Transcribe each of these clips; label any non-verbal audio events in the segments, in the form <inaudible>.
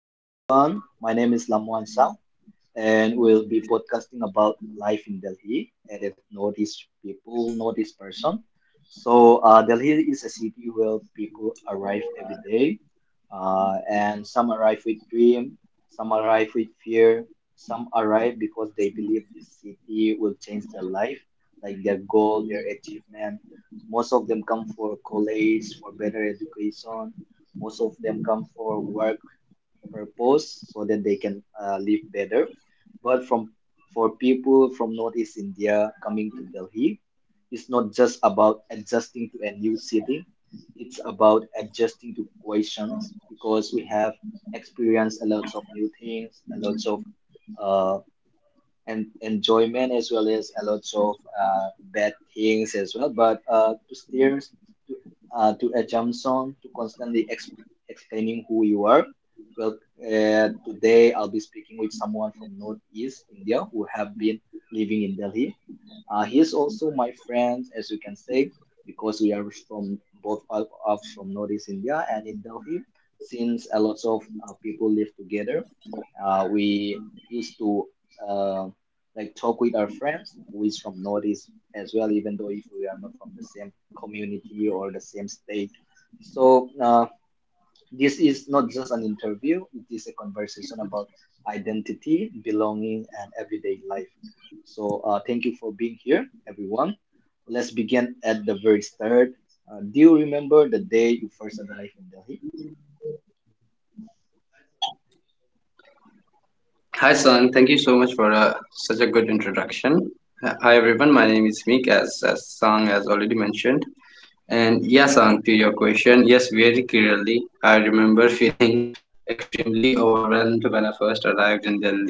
Hello, everyone. My name is Lamwan Sao, and we'll be podcasting about life in Delhi and if notice people, notice person. So, Delhi is a city where people arrive every day, and some arrive with dream, some arrive with fear, some arrive because they believe this city will change their life, like their goal, their achievement. Most of them come for college, for better education. Most of them come for work purpose so that they can live better. But from for people from Northeast India coming to Delhi, it's not just about adjusting to a new city. It's about adjusting to questions because we have experienced a lot of new things, a lot of uh, and enjoyment as well as a lot of bad things as well. But to steer to a jump song to constantly explaining who you are. Well, today I'll be speaking with someone from Northeast India who have been living in Delhi. He's also my friend, as you can say, because we are from both of us from Northeast India and in Delhi. Since a lot of people live together, we used to uh, like talk with our friends who is from Northeast as well, even though if we are not from the same community or the same state. So this is not just an interview; it is a conversation about identity, belonging, and everyday life. So thank you for being here, everyone. Let's begin at the very start. Do you remember the day you first arrived in Delhi? Hi, Son. Thank you so much for such a good introduction. Hi, everyone. My name is Meek, as Sang has already mentioned. And yes, Sang, to your question, yes, very clearly. I remember <laughs> feeling extremely overwhelmed when I first arrived in Delhi.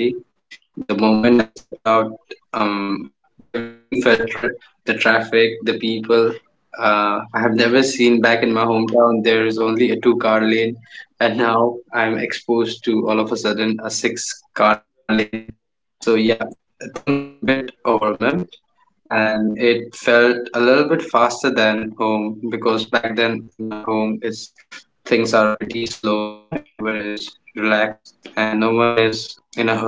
The moment I stepped out, um, everything <laughs> felt crowded. The traffic, the people. I have never seen back in my hometown. There is only a two-car lane, and now I'm exposed to all of a sudden a six-car lane. So yeah, things were a bit overwhelmed, and it felt a little bit faster than home because back then in our home, it's things are pretty slow. Everyone is relaxed and no one is in a hurry.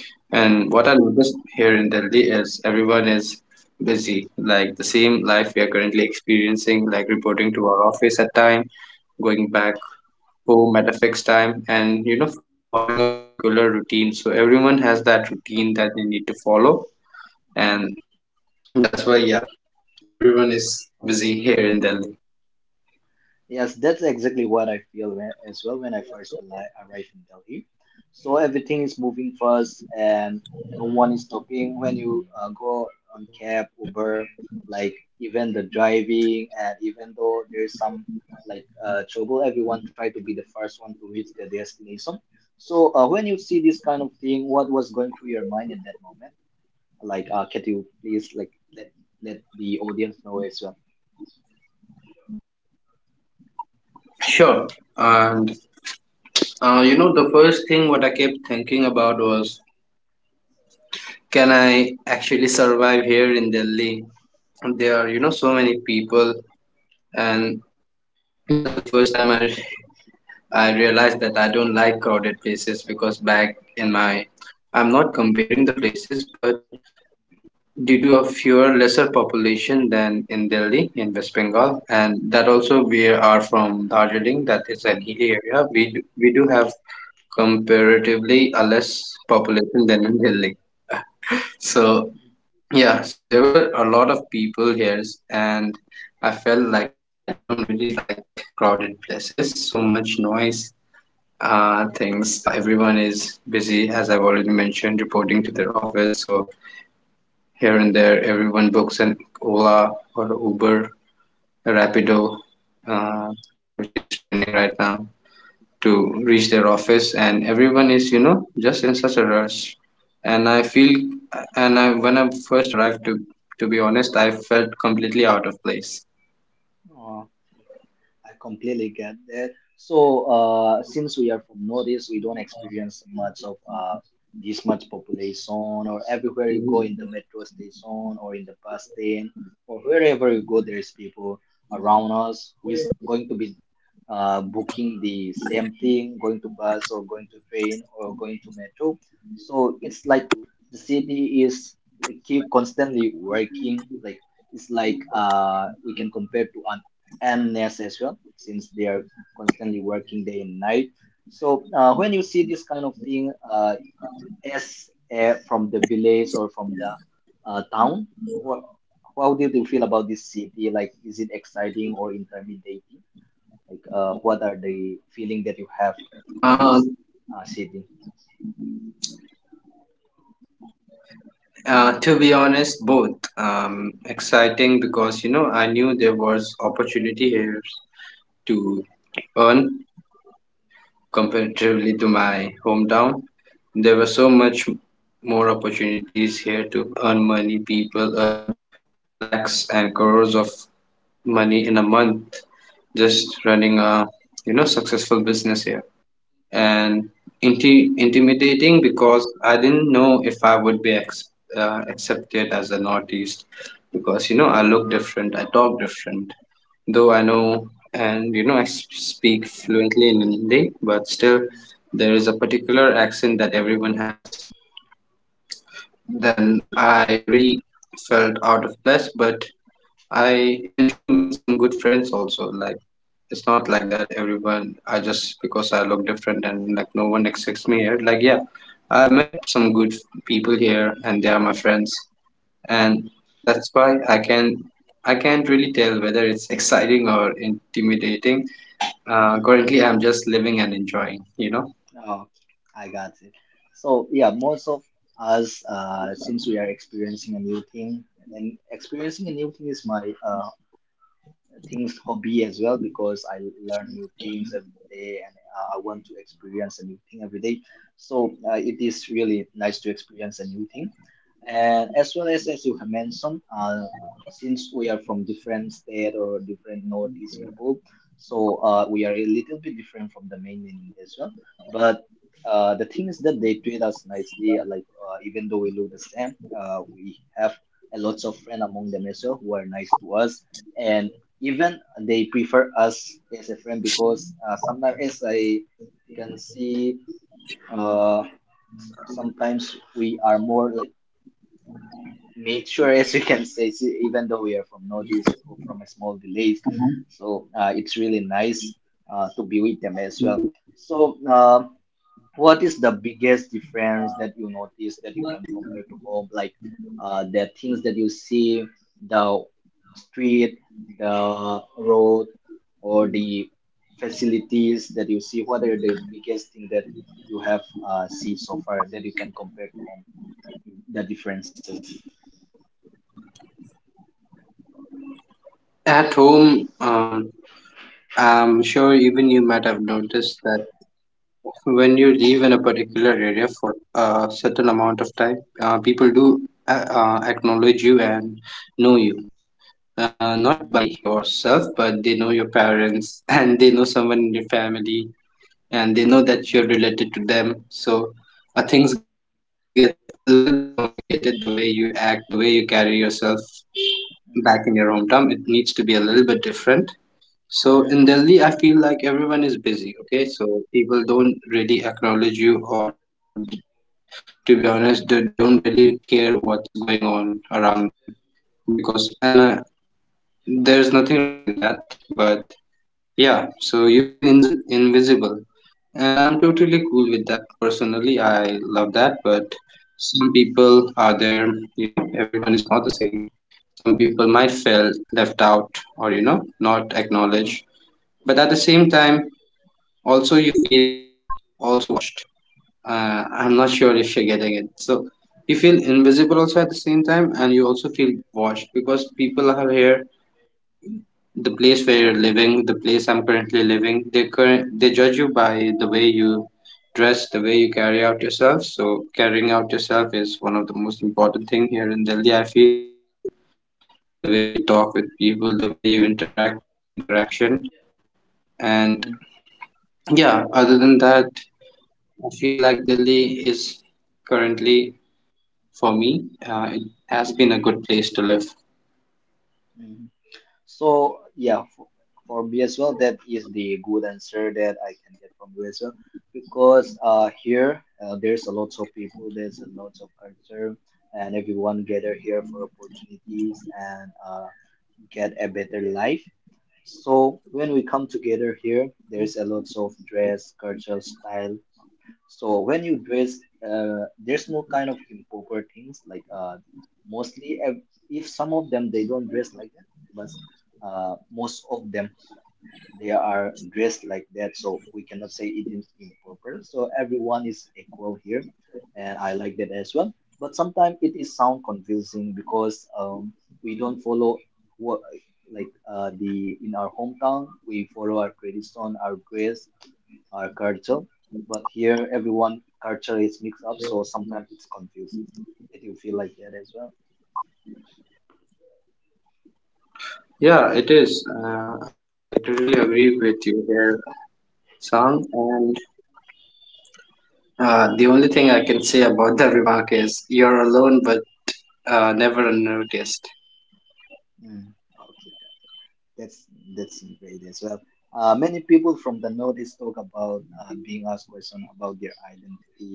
And what I noticed here in Delhi is everyone is busy. Like the same life we are currently experiencing, like reporting to our office at time, going back home at a fixed time, and following a particular routine. So everyone has that routine that they need to follow. And that's why, yeah, everyone is Mm. busy <laughs> here in Delhi. Yes, that's exactly what I feel when, as well when I first arrived in Delhi. So everything is moving fast and no one is stopping when you go on cab, Uber, like even the driving and even though there's some like trouble, everyone try to be the first one to reach their destination. So when you see this kind of thing, what was going through your mind at that moment? Like, can you please like let the audience know as well? Sure. And the first thing what I kept thinking about was, can I actually survive here in Delhi? And there are so many people, and that's the first time I realized that I don't like crowded places because back in my I'm not comparing the places, but due to a fewer lesser population than in Delhi in West Bengal, and that also we are from Darjeeling, that is an hilly area. We do have comparatively a less population than in Delhi. So yeah, so there were a lot of people here, and I felt like I don't really like crowded places, so much noise things. Everyone is busy, as I've already mentioned, reporting to their office. So here and there, everyone books an Ola or Uber, a Rapido, which is trending right now, to reach their office. And everyone is just in such a Mm. rush. And I feel, and I when I first arrived, to be honest, I felt completely out of place. Aw. I completely get that. So, since we are from Northeast, we don't experience much of this much population, or everywhere you go in the Mhm. metro station or in the bus stand or wherever you go, there's people around us who is going to be booking the same thing, going to bus or going to train or going to metro. So it's like the city is like keep constantly working. Like it's like we can compare to an and nurse as well, since they are constantly working day and night. So when you see this kind of thing, as from the village or from the town, wha how did you feel about this city? Like, is it exciting or intimidating? Like, what are the feeling that you have with Uh, this city? to be honest, both. Exciting because I knew there was opportunity here to earn comparatively to my hometown. There were so much more opportunities here to earn money. People earn lakhs and crores of money in a month just Mm, running a successful business here. And intimidating because I didn't know if I would be accepted as a Northeast because I look different, I talk different, though I mm, know and I speak fluently in Hindi, but still mm, there is a particular accent that everyone has. Then I really felt out of place, but I eventually made some good friends also. Like, it's not like that everyone, I just because I look different and like no one accepts me here. Like, yeah, I met some good people here and they are my friends. And that's why I can. I can't really tell whether it's <laughs> exciting or intimidating. Uh, mm. currently, I'm just living and enjoying. Oh, I got it. So yeah, most of us, since we are experiencing a new thing, and experiencing a new thing is my things hobby as well because I learn new things every day and I want to experience a new thing every day. So it is really nice to experience a new thing. And as well as you have mentioned, since we are from different state or different northeast people, so we are a little bit different from the mainland India as well. But the thing is that they treat us nicely. Like even though we look the same, we have a lots of friends among them as well who are nice to us and even they prefer us as a friend because sometimes I can see uh, sometimes we are more like mature <laughs> as we can say see, even though we are from notice or from a small village so it's really nice to be with them as well so what is the biggest difference that you notice that you can compare to home like the things that you see the street the road or the facilities that you see what are the biggest thing that you have seen so far that you can compare to home the differences At home, I'm sure even you might have noticed that when you live in a particular area for a certain amount of time, people do acknowledge you and know you. Not Mm, by yourself, but they know your parents <laughs> and they know someone in your family and they mm, know that you're related to them. So things get a little bit complicated, the way you act, the way you carry yourself back mm, in your hometown. It needs to be a little bit different, so mhm. in Delhi, I feel like everyone is busy, okay? So people don't really acknowledge you, or to be honest, they don't really care what's going on around them because, and there's nothing wrong in that, but yeah, so you feel invisible, and I'm Oh, totally cool with that personally. I love that, but some people are there, everyone is not the same. Some people might feel left out or, not acknowledged, mm, but at the same time also you feel also watched, I'm not sure if you're getting it. So you feel invisible also at the same time, and you also feel watched because people are here, the place where you're living, the place I'm currently living, they judge you by the way you dress, the way you carry out yourself. So carrying mm, out yourself is one of the most important thing here in Delhi, I feel. The way you talk with people, the way you interact, each interaction. And mm, yeah, other than that, I feel like Delhi is currently, for me, it has been a good place to live. mm. So yeah, for me as well, that is the good answer that I can get from you as well, because here there's a lot of people, there's a lot of culture, and everyone gather here for opportunities and get a better life. So when we come together here, there's a lot of dress, cultural style, so when you dress, there's no kind of improper things like mostly if some of them they don't dress like that, but most of them they are dressed like that. So we cannot say it is improper. So everyone is equal here, and I like that as well. But sometimes it is sound confusing because we don't follow what like the in our hometown we follow our tradition, our dress, or culture. But here, everyone culture is mixed up, so sometimes it's confusing. Did you feel like that as well? Yeah, it is. I totally agree with you here, Sang. And the only thing I can say about that remark is you're alone, but never unnoticed. Mm. Okay, that's that's great as well. Many people from the Northeast talk about being asked question about their identity,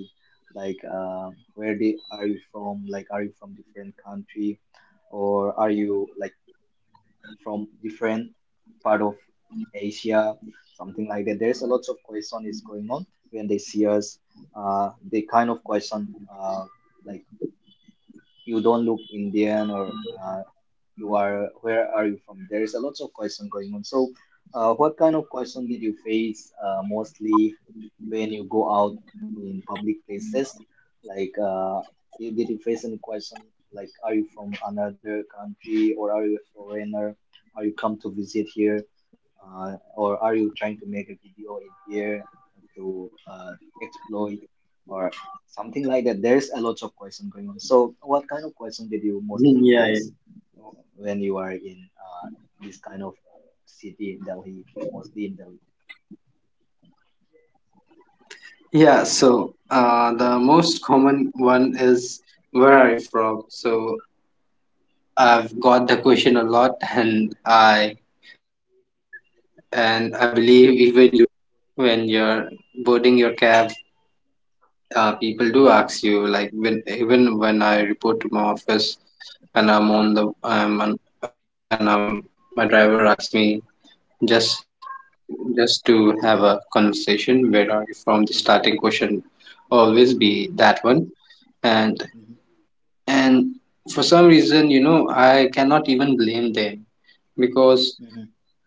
like where they are you from, like are you from different country, or are you like from different part of Asia, something like that. There's a lot of question is going on when they see us. They kind of question like you don't look Indian or you are where are you from? There is a lot of question going on. So, what kind of question did you face mostly when you go out in public places? Like, did you face any question like are you from another country or are you a foreigner? Are you come to visit here? Or are you trying to make a video in here to exploit or something like that? There's a lot of question going on. So, what kind of question did you Mm, mostly yeah, yeah. face when you are in this kind of city in Delhi, mostly in Delhi? Yeah, so the most common one is, where are you from? So I've got the question a lot, and I believe even you do when you're boarding your cab, people do ask you, like when even when I report to my office and I'm on the and my driver asks me, just just to have a conversation, where are you from? The Mm, starting question always mm, be that one. And mhm, and for some reason, I cannot even blame them mhm, because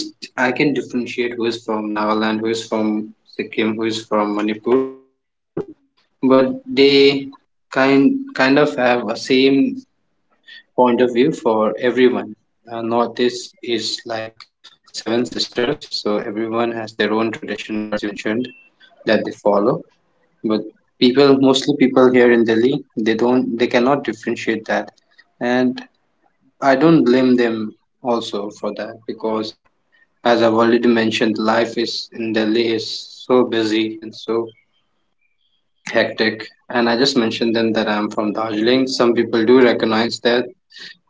as a Northeast, I can differentiate who is from Nagaland, who is from Sikkim, who is from Manipur, but they kind of have a same point of view for everyone. Northeast is like Seven Sisters, so everyone has their own tradition, culture, as you mentioned, that they follow. But people, mostly people here in Delhi, they don't, they cannot differentiate that, and I don't blame them also for that because as I've already mentioned, life is in Delhi is so busy and so hectic. And I just mentioned them that I'm from Darjeeling. Some people do recognize that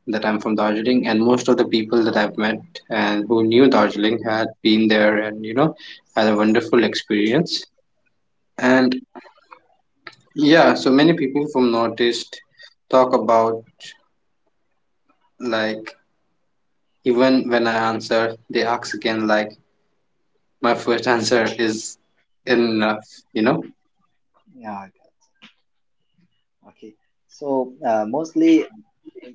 that I'm from Darjeeling, and most of the people that I've met and who knew Darjeeling had been there and had a wonderful mm. experience. And yeah, so many people from Northeast talk about, like even when I answer, they ask again, like my first <laughs> answer is enough, you know. Yeah. Okay. So mostly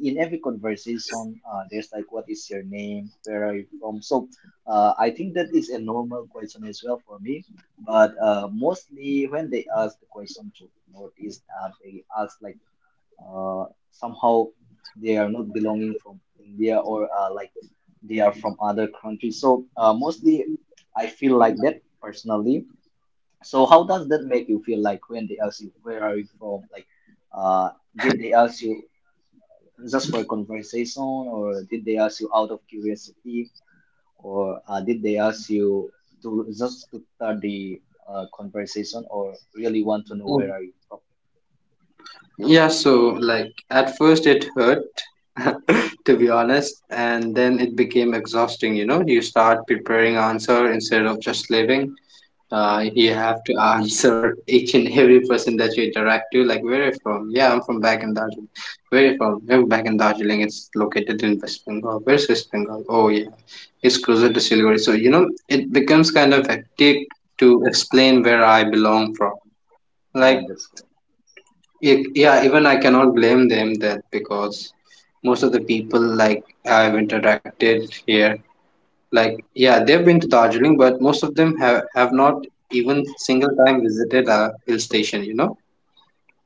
in every conversation, there's like, what is your name? Where are you from? So I think that is a normal question as well for me. But mostly when they ask the question to Northeast, they ask like somehow they are not belonging from India or like they are from other countries. So mostly I feel like that personally. So how does that make you feel like when they ask you where are you from? Like uh, did they ask you just for a conversation, or did they ask you out of curiosity, or did they ask you to just to start the conversation, or really want to know where are you from? Yeah, so like at first it hurt, <laughs> to be honest, and then it became exhausting, you know. You start preparing Mm, answer instead of just living. Uh, mm, you have to <laughs> answer each and every person that you interact to, like, where are you from? Yeah, I'm from back in Darjeeling. Where are you from? I'm back in Darjeeling. It's located in West Bengal. Where's West Bengal? Oh yeah, it's closer to Siliguri. So it becomes kind mm, of mm. hectic to explain where I belong from. Yeah, Like, that's correct. Yeah, even I cannot blame them that because most of the people, like I've interacted here, like yeah, they've been to Darjeeling, but most of them have not even single time visited a hill station,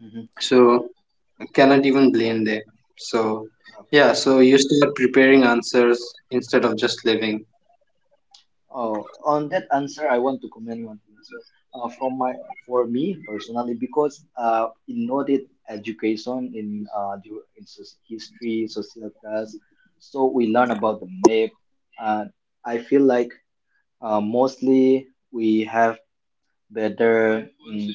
Hmm. so I cannot even blame them. So Okay. yeah, so you start preparing answers instead of just living. Oh, on that answer, I want to comment one thing as well. From my for me personally, because in noted education in in history, social class, so we learn about the map, and I feel like mostly we have better mm,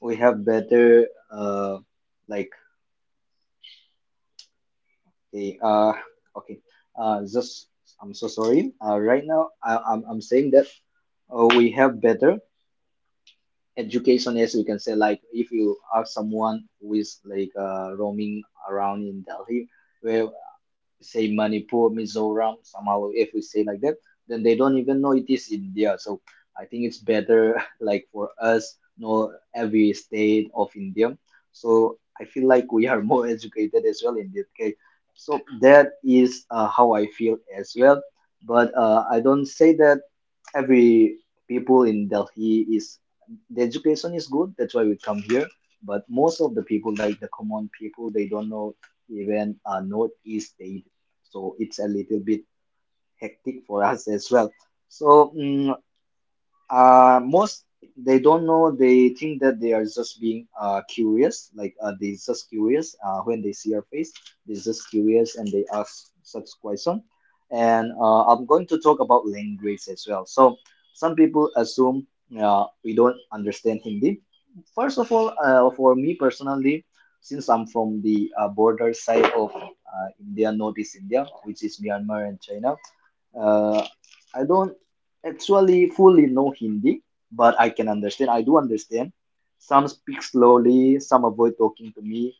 better like okay. Okay just I'm so sorry right now I'm saying that we have better education as we can say like if you ask someone who is like roaming around in Delhi where say Manipur, Mizoram, somehow if we say like that, then they don't even know it is India. So I think it's better <laughs> like for us know every state of India. So I feel like we are <laughs> more educated as well in this case. So that is how I feel as well. But I don't say that every people in Delhi is the education is good. That's why we come here. But most of the people, like the common people, they don't know even northeast state, so it's a little bit hectic for us as well. So most they don't know. They think that they are just being curious. Like they just curious. When they see our face, they just curious and they ask such question. And I'm going to talk about language as well. So some people assume we don't understand Hindi. First of all, for me personally, since I'm from the border side of India, Northeast India, which is Myanmar and China, uh, I don't actually fully know Hindi, but I can understand. I do understand. Some speak slowly, some avoid talking to me.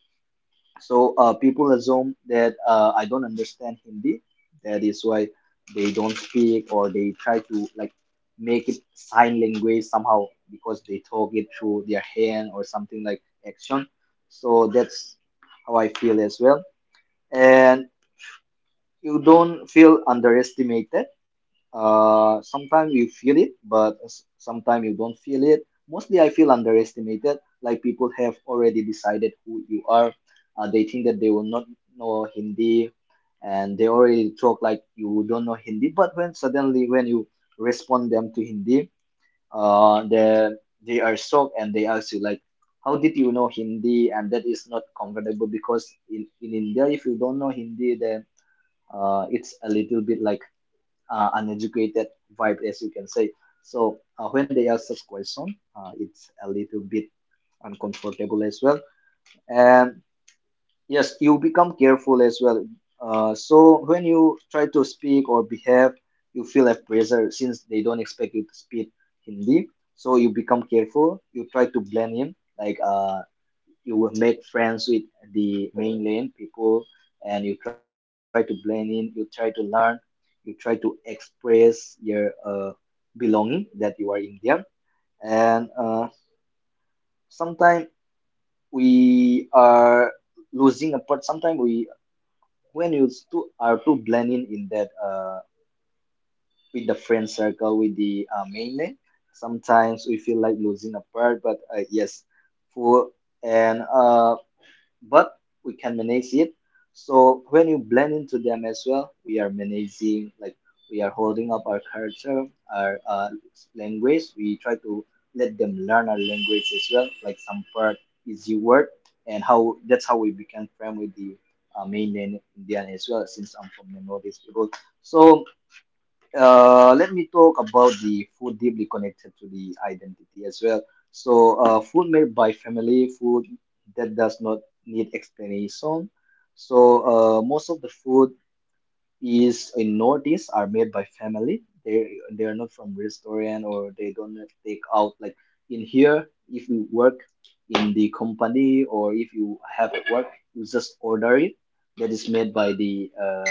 So people assume that I don't understand Hindi. That is why they don't speak, or they try to like make it sign language somehow because they talk it through their hand or something like action. So that's how I feel as well. And you don't feel underestimated, sometimes you feel it, but sometimes you don't feel it. Mostly, I feel underestimated. Like people have already decided who you are. They think that they will not know Hindi, and they already talk like you don't know Hindi. But when suddenly when you respond them to Hindi, uh, they they are shocked and they ask you like, how did you know Hindi? And that is not comfortable because in India, if you don't know Hindi, then it's a little bit like uneducated vibe, as you can say. So when they ask such question, it's a little bit uncomfortable as well. And yes, you become careful as well. So when you try to speak or behave, you feel a pressure since they don't expect you to speak Hindi. So you become careful. You try to blend in, like you will make friends with the mainland people and you try to blend in, you try to learn, you try to express your belonging that you are Indian. And sometimes we are losing a part sometimes we when you too, are too blending in, that with the friend circle, with the mainland, sometimes we feel like losing a part. But yes, for and but we can manage it. So when you blend into them as well, we are managing, like we are holding up our culture, our language. We try to let them learn our language as well, like some part is your word, and how that's how we become friend with the mainland Indian as well. Since I'm from the northeast people, so let me talk about the food deeply connected to the identity as well. So, food made by family, food that does not need explanation. So, most of the food is in Northeast are made by family. They are not from restaurant, or they don't take out like in here. If you work in the company, or if you have at work, you just order it. That is made by the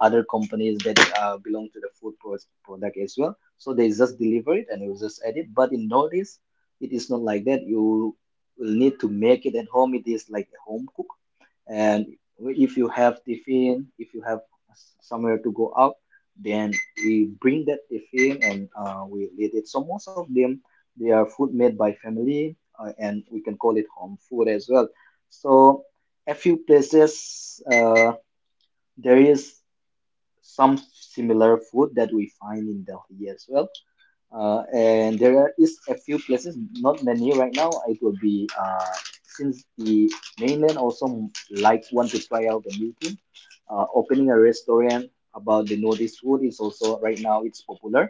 other companies that belong to the product as well. So they just deliver it and you just add it. But in nowadays, it is not like that. You will need to make it at home. It is like a home cook. And if you have tiffin, if you have somewhere to go out, then we bring that tiffin and we eat it. So most of them, they are food made by family, and we can call it home food as well. So a few places, there is some similar food that we find in Delhi as well. And is a few places, not many right now. It will be since the mainland also like want to try out the new thing. Opening a restaurant about the notice food is also right now it's popular,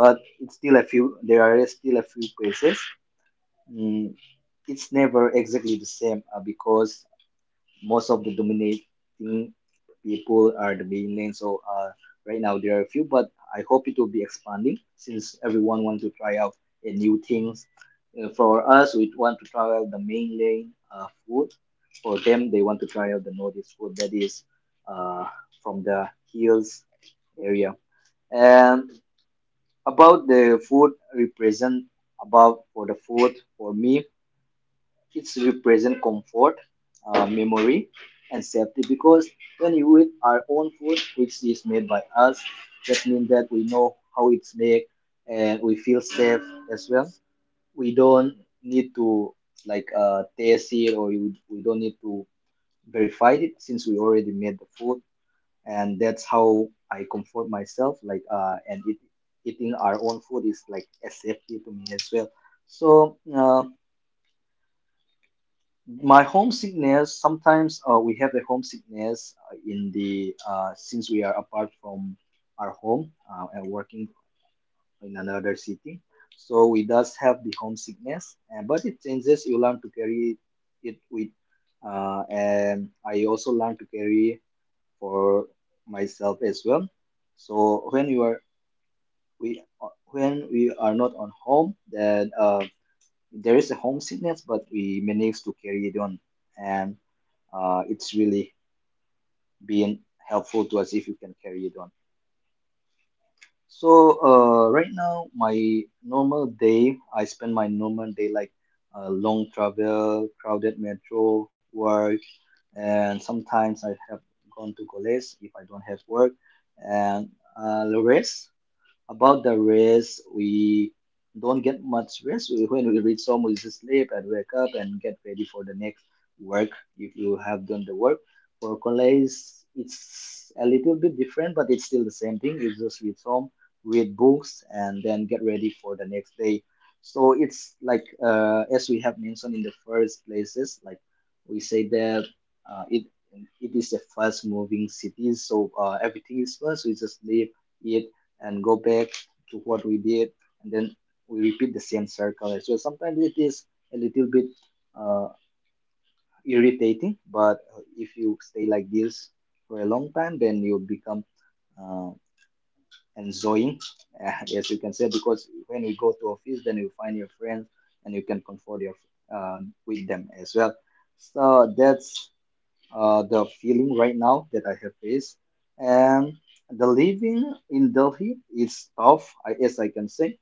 but it's still a few. There are still a few places. Mm, it's never exactly the same because most of the dominating people are the mainland. So right now there are a few, but I hope it will be expanding since everyone wants to try out new things. For us, we want to try out the mainland food. For them, they want to try out the Nordic food that is uh, from the hills area. And about the food represent about, for the food, for me, it's represent comfort, memory, and safety, because when you eat our own food, which is made by us, that means that we know how it's made and we feel safe as well. We don't need to like taste it, or you, we don't need to verify it since we already made the food. And that's how I comfort myself. And it, eating our own food is like a safety to me as well. So my homesickness, sometimes we have a homesickness in the since we are apart from our home and working in another city. So we does have the homesickness, and but it changes. You learn to carry it with, and I also learn to carry for myself as well. So when you are we, when we are not on home, then there is a homesickness, but we manage to carry it on, and it's really being helpful to us if you can carry it on. So right now, my normal day, I spend my normal day like long travel, crowded metro, work, and sometimes I have gone to college if I don't have work, and the rest. About the rest, we don't get much rest. When we reach home, we just sleep and wake up and get ready for the next work if you have done the work. For college, it's a little bit different, but it's still the same thing. You just reach home, read books, and then get ready for the next day. So it's like, as we have mentioned in the first places, like we say that uh, it it is a fast moving city, so everything is fast. We just live it and go back to what we did and then we repeat the same circle as well. Sometimes it is a little bit uh, irritating, but if you stay like this for a long time then you become uh, enjoying <laughs> as you can say, because when you go to office then you find your friends and you can comfort your with them as well, so that's the feeling right now that I have faced. And the living in Delhi is tough, I as I can say,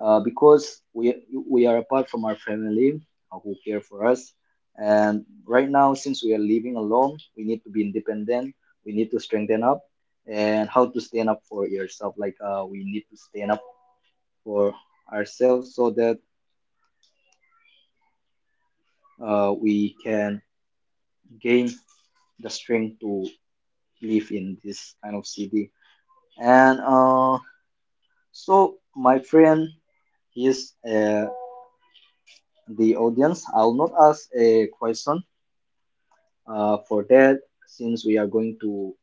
because we are apart from our family who care for us. And right now, since we are living alone, we need to be independent. We need to strengthen up and how to stand up for yourself. Like we need to stand up for ourselves so that we can gain the strength to live in this kind of city. And so, my friend, he's the audience. I'll not ask a question for that since we are going to,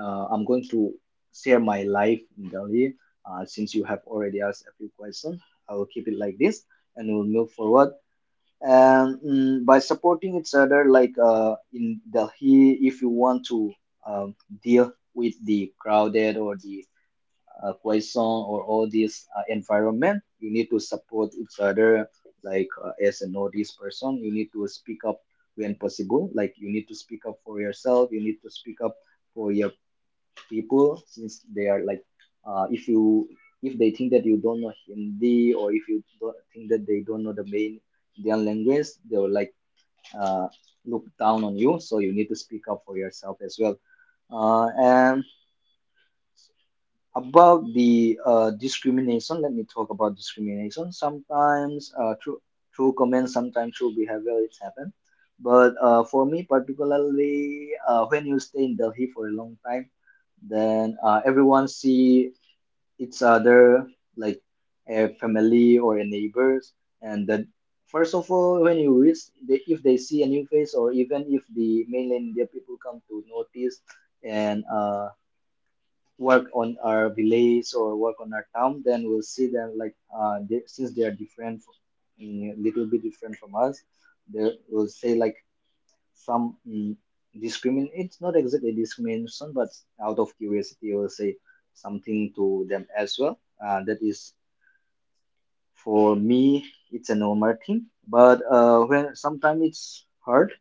I'm going to share my life in Delhi. Since you have already asked a few questions, I will keep it like this and we'll move forward. And mm, by supporting each other, like in Delhi, if you want to um, deal with the crowded or the Quezon or all these environment, you need to support each other. Like as a Northeast person, you need to speak up when possible. Like you need to speak up for yourself. You need to speak up for your people since they are like, if you if they think that you don't know Hindi, or if you don't think that they don't know the main Indian language, they will like uh, look down on you. So you need to speak up for yourself as well. And about the discrimination, let me talk about discrimination. Sometimes through comments, sometimes through behavior, it's happened, but for me particularly, when you stay in Delhi for a long time, then everyone see each other like a family or a neighbors. And that first of all when you reach they, if they see a new face, or even if the mainland India people come to notice and work on our village or work on our town, then we'll see them like they, since they are different, mm, little bit different from us, they will say like some mm, discriminate. It's not exactly discrimination, but out of curiosity, will say something to them as well. That is for me, it's a normal thing. But when sometimes it's hard,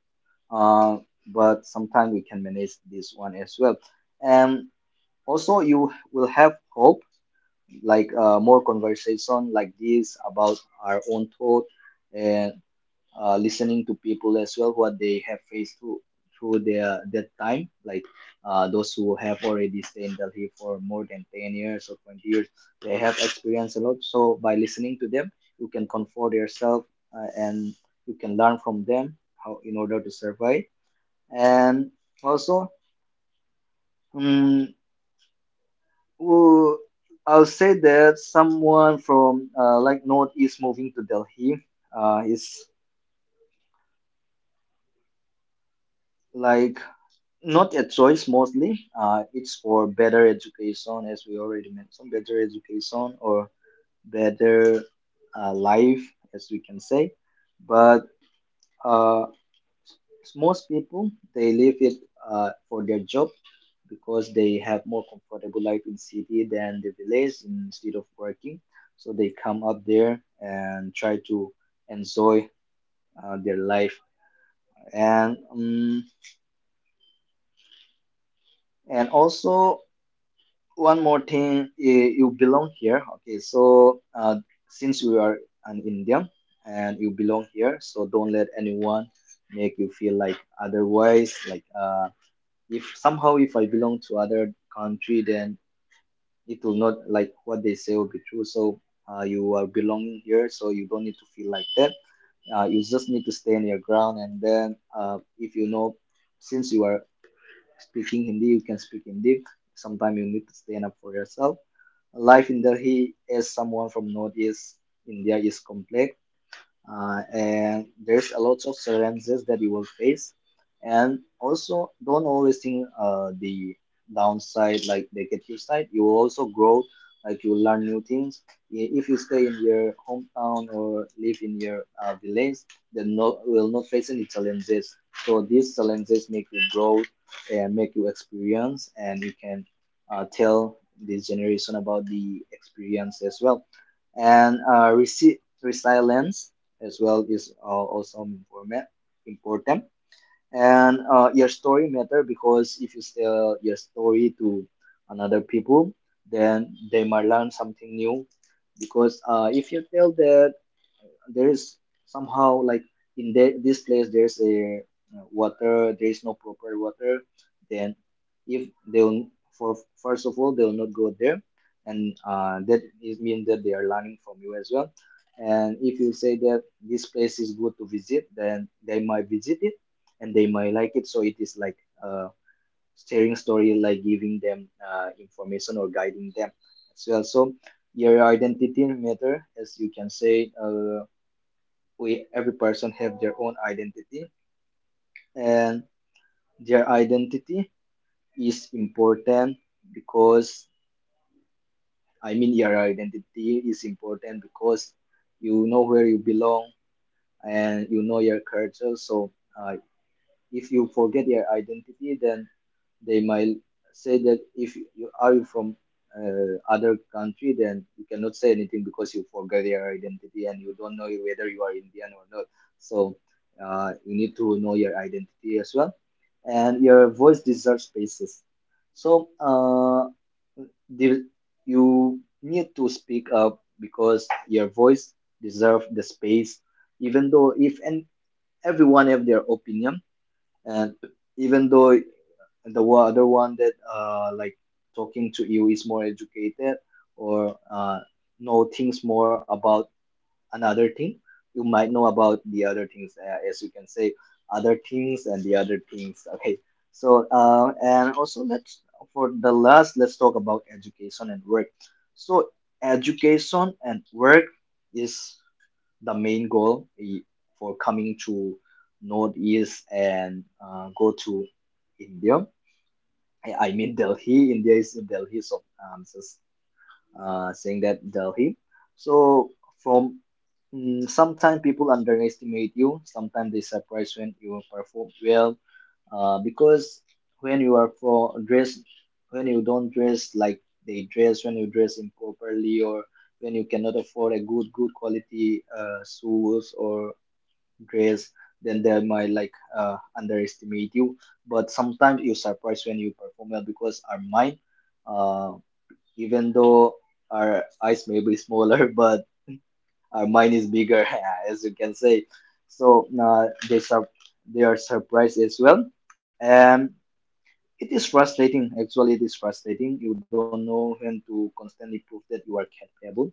uh, but sometimes we can manage this one as well. And also, you will have hope like more conversation like this about our own thought and listening to people as well what they have faced through their that time like those who have already stayed in Delhi for more than 10 years or 20 years. They have experienced a lot, so by listening to them you can comfort yourself and you can learn from them how in order to survive. And also mm, well, I'll say that someone from like northeast moving to Delhi is like not a choice mostly. It's for better education, as we already mentioned, better education or better life, as we can say. But uh, most people they leave it for their job because they have more comfortable life in city than the village instead of working. So they come up there and try to enjoy their life. And um, and also one more thing, you belong here. Okay, so since you are an Indian and you belong here, so don't let anyone make you feel like otherwise. Like if somehow if I belong to other country, then it will not like what they say will be true. So you are belonging here, so you don't need to feel like that. You just need to stay on your ground, and then if you know, since you are speaking Hindi, you can speak Hindi. Sometimes you need to stand up for yourself. Life in Delhi as someone from northeast India is complex, and there's a lot of challenges that you will face. And also, don't always think the downside, like negative side. You will also grow, like you will learn new things. If you stay in your hometown or live in your village, then no will not face any challenges. So these challenges make you grow and make you experience, and you can tell this generation about the experience as well. And resilience as well is also important. And your story matter, because if you tell your story to another people, then they might learn something new. Because if you tell that there is somehow like in the, this place there's a water, there is no proper water, then if they'll, for first of all, they'll not go there, and that is mean that they are learning from you as well. And if you say that this place is good to visit, then they might visit it and they might like it. So it is like a sharing story, like giving them information or guiding them as well. So your identity matter, as you can say. We every person have their own identity, and their identity is important because, I mean, your identity is important because you know where you belong and you know your culture. So uh, if you forget your identity, then they might say that if you are, you from other country, then you cannot say anything because you forget your identity and you don't know whether you are Indian or not. So you need to know your identity as well, and your voice deserves spaces. So the, you need to speak up because your voice deserves the space. Even though if, and everyone have their opinion, and even though the other one that like talking to you is more educated or know things more about another team. You might know about the other teams, as you can say, other teams and the other teams. Okay, so and also, let's for the last, let's talk about education and work. So education and work is the main goal for coming to Northeast and go to India. I mean Delhi, India is in Delhi, so so saying that Delhi. So from sometimes people underestimate you. Sometimes they surprise when you perform well. Because when you are for dress, when you don't dress like they dress, when you dress improperly, or when you cannot afford a good quality shoes or dress, then they might like underestimate you. But sometimes you surprise when you perform well, because our mind. Uh, Even though our eyes may be smaller, <laughs> but our mind is bigger, <laughs> as you can say. So they are surprised as well, and it is frustrating. Actually, it is frustrating. You don't know when to constantly prove that you are capable.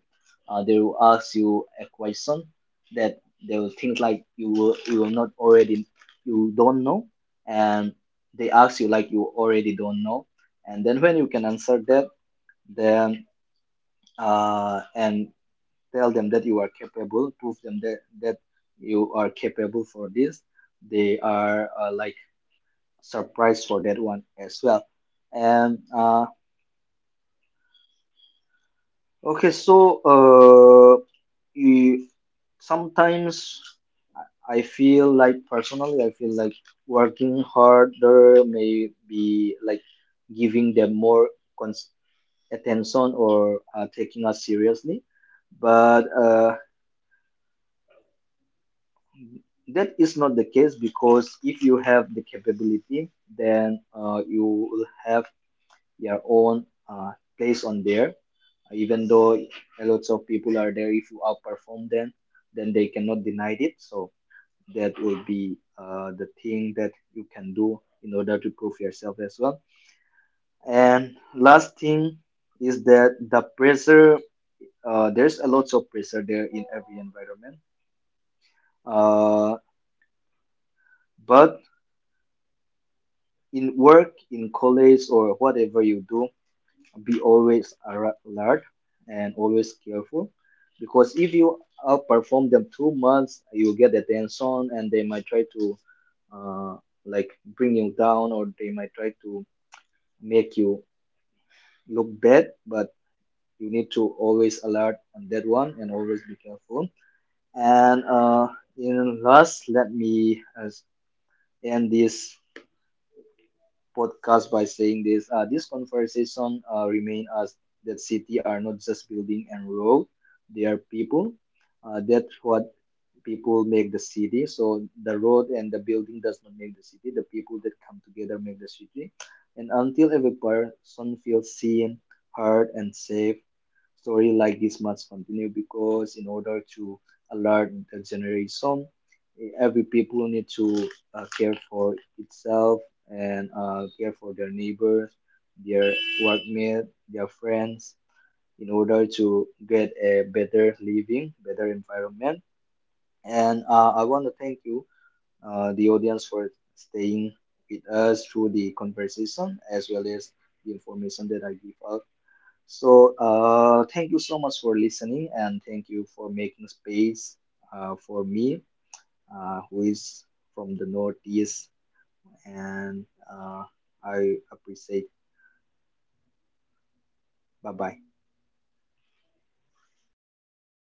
They will ask you a question that they will think like you will, you will not already, you don't know, and they ask you like you already don't know, and then when you can answer that, then and tell them that you are capable, prove them that, that you are capable for this. They are like surprised for that one as well. And okay, so you, sometimes I feel like, personally I feel like working harder may be like giving them more cons- attention or taking us seriously, but That is not the case, because if you have the capability, then you will have your own place on there. Even though a lot of people are there, if you outperform them, then they cannot deny it. So that will be the thing that you can do in order to prove yourself as well. And last thing is that the pressure. There's a lot of pressure there in every environment. Uh, but in work, in college, or whatever you do, be always alert and always careful. Because if you outperform them too much, you get attention and they might try to uh, like bring you down, or they might try to make you look bad. But you need to always alert on that one and always be careful. And in last, let me end this podcast by saying this. This conversation remain us that city are not just building and road; they are people. That's what people make the city. So the road and the building does not make the city. The people that come together make the city. And until every person feels seen, heard, and safe, story like this must continue, because in order to alert the generation, every people need to care for itself and care for their neighbors, their workmate, their friends, in order to get a better living, better environment. And I want to thank you, the audience, for staying with us through the conversation as well as the information that I give out. So, thank you so much for listening, and thank you for making space for me, who is from the Northeast, and uh, I appreciate. Bye bye.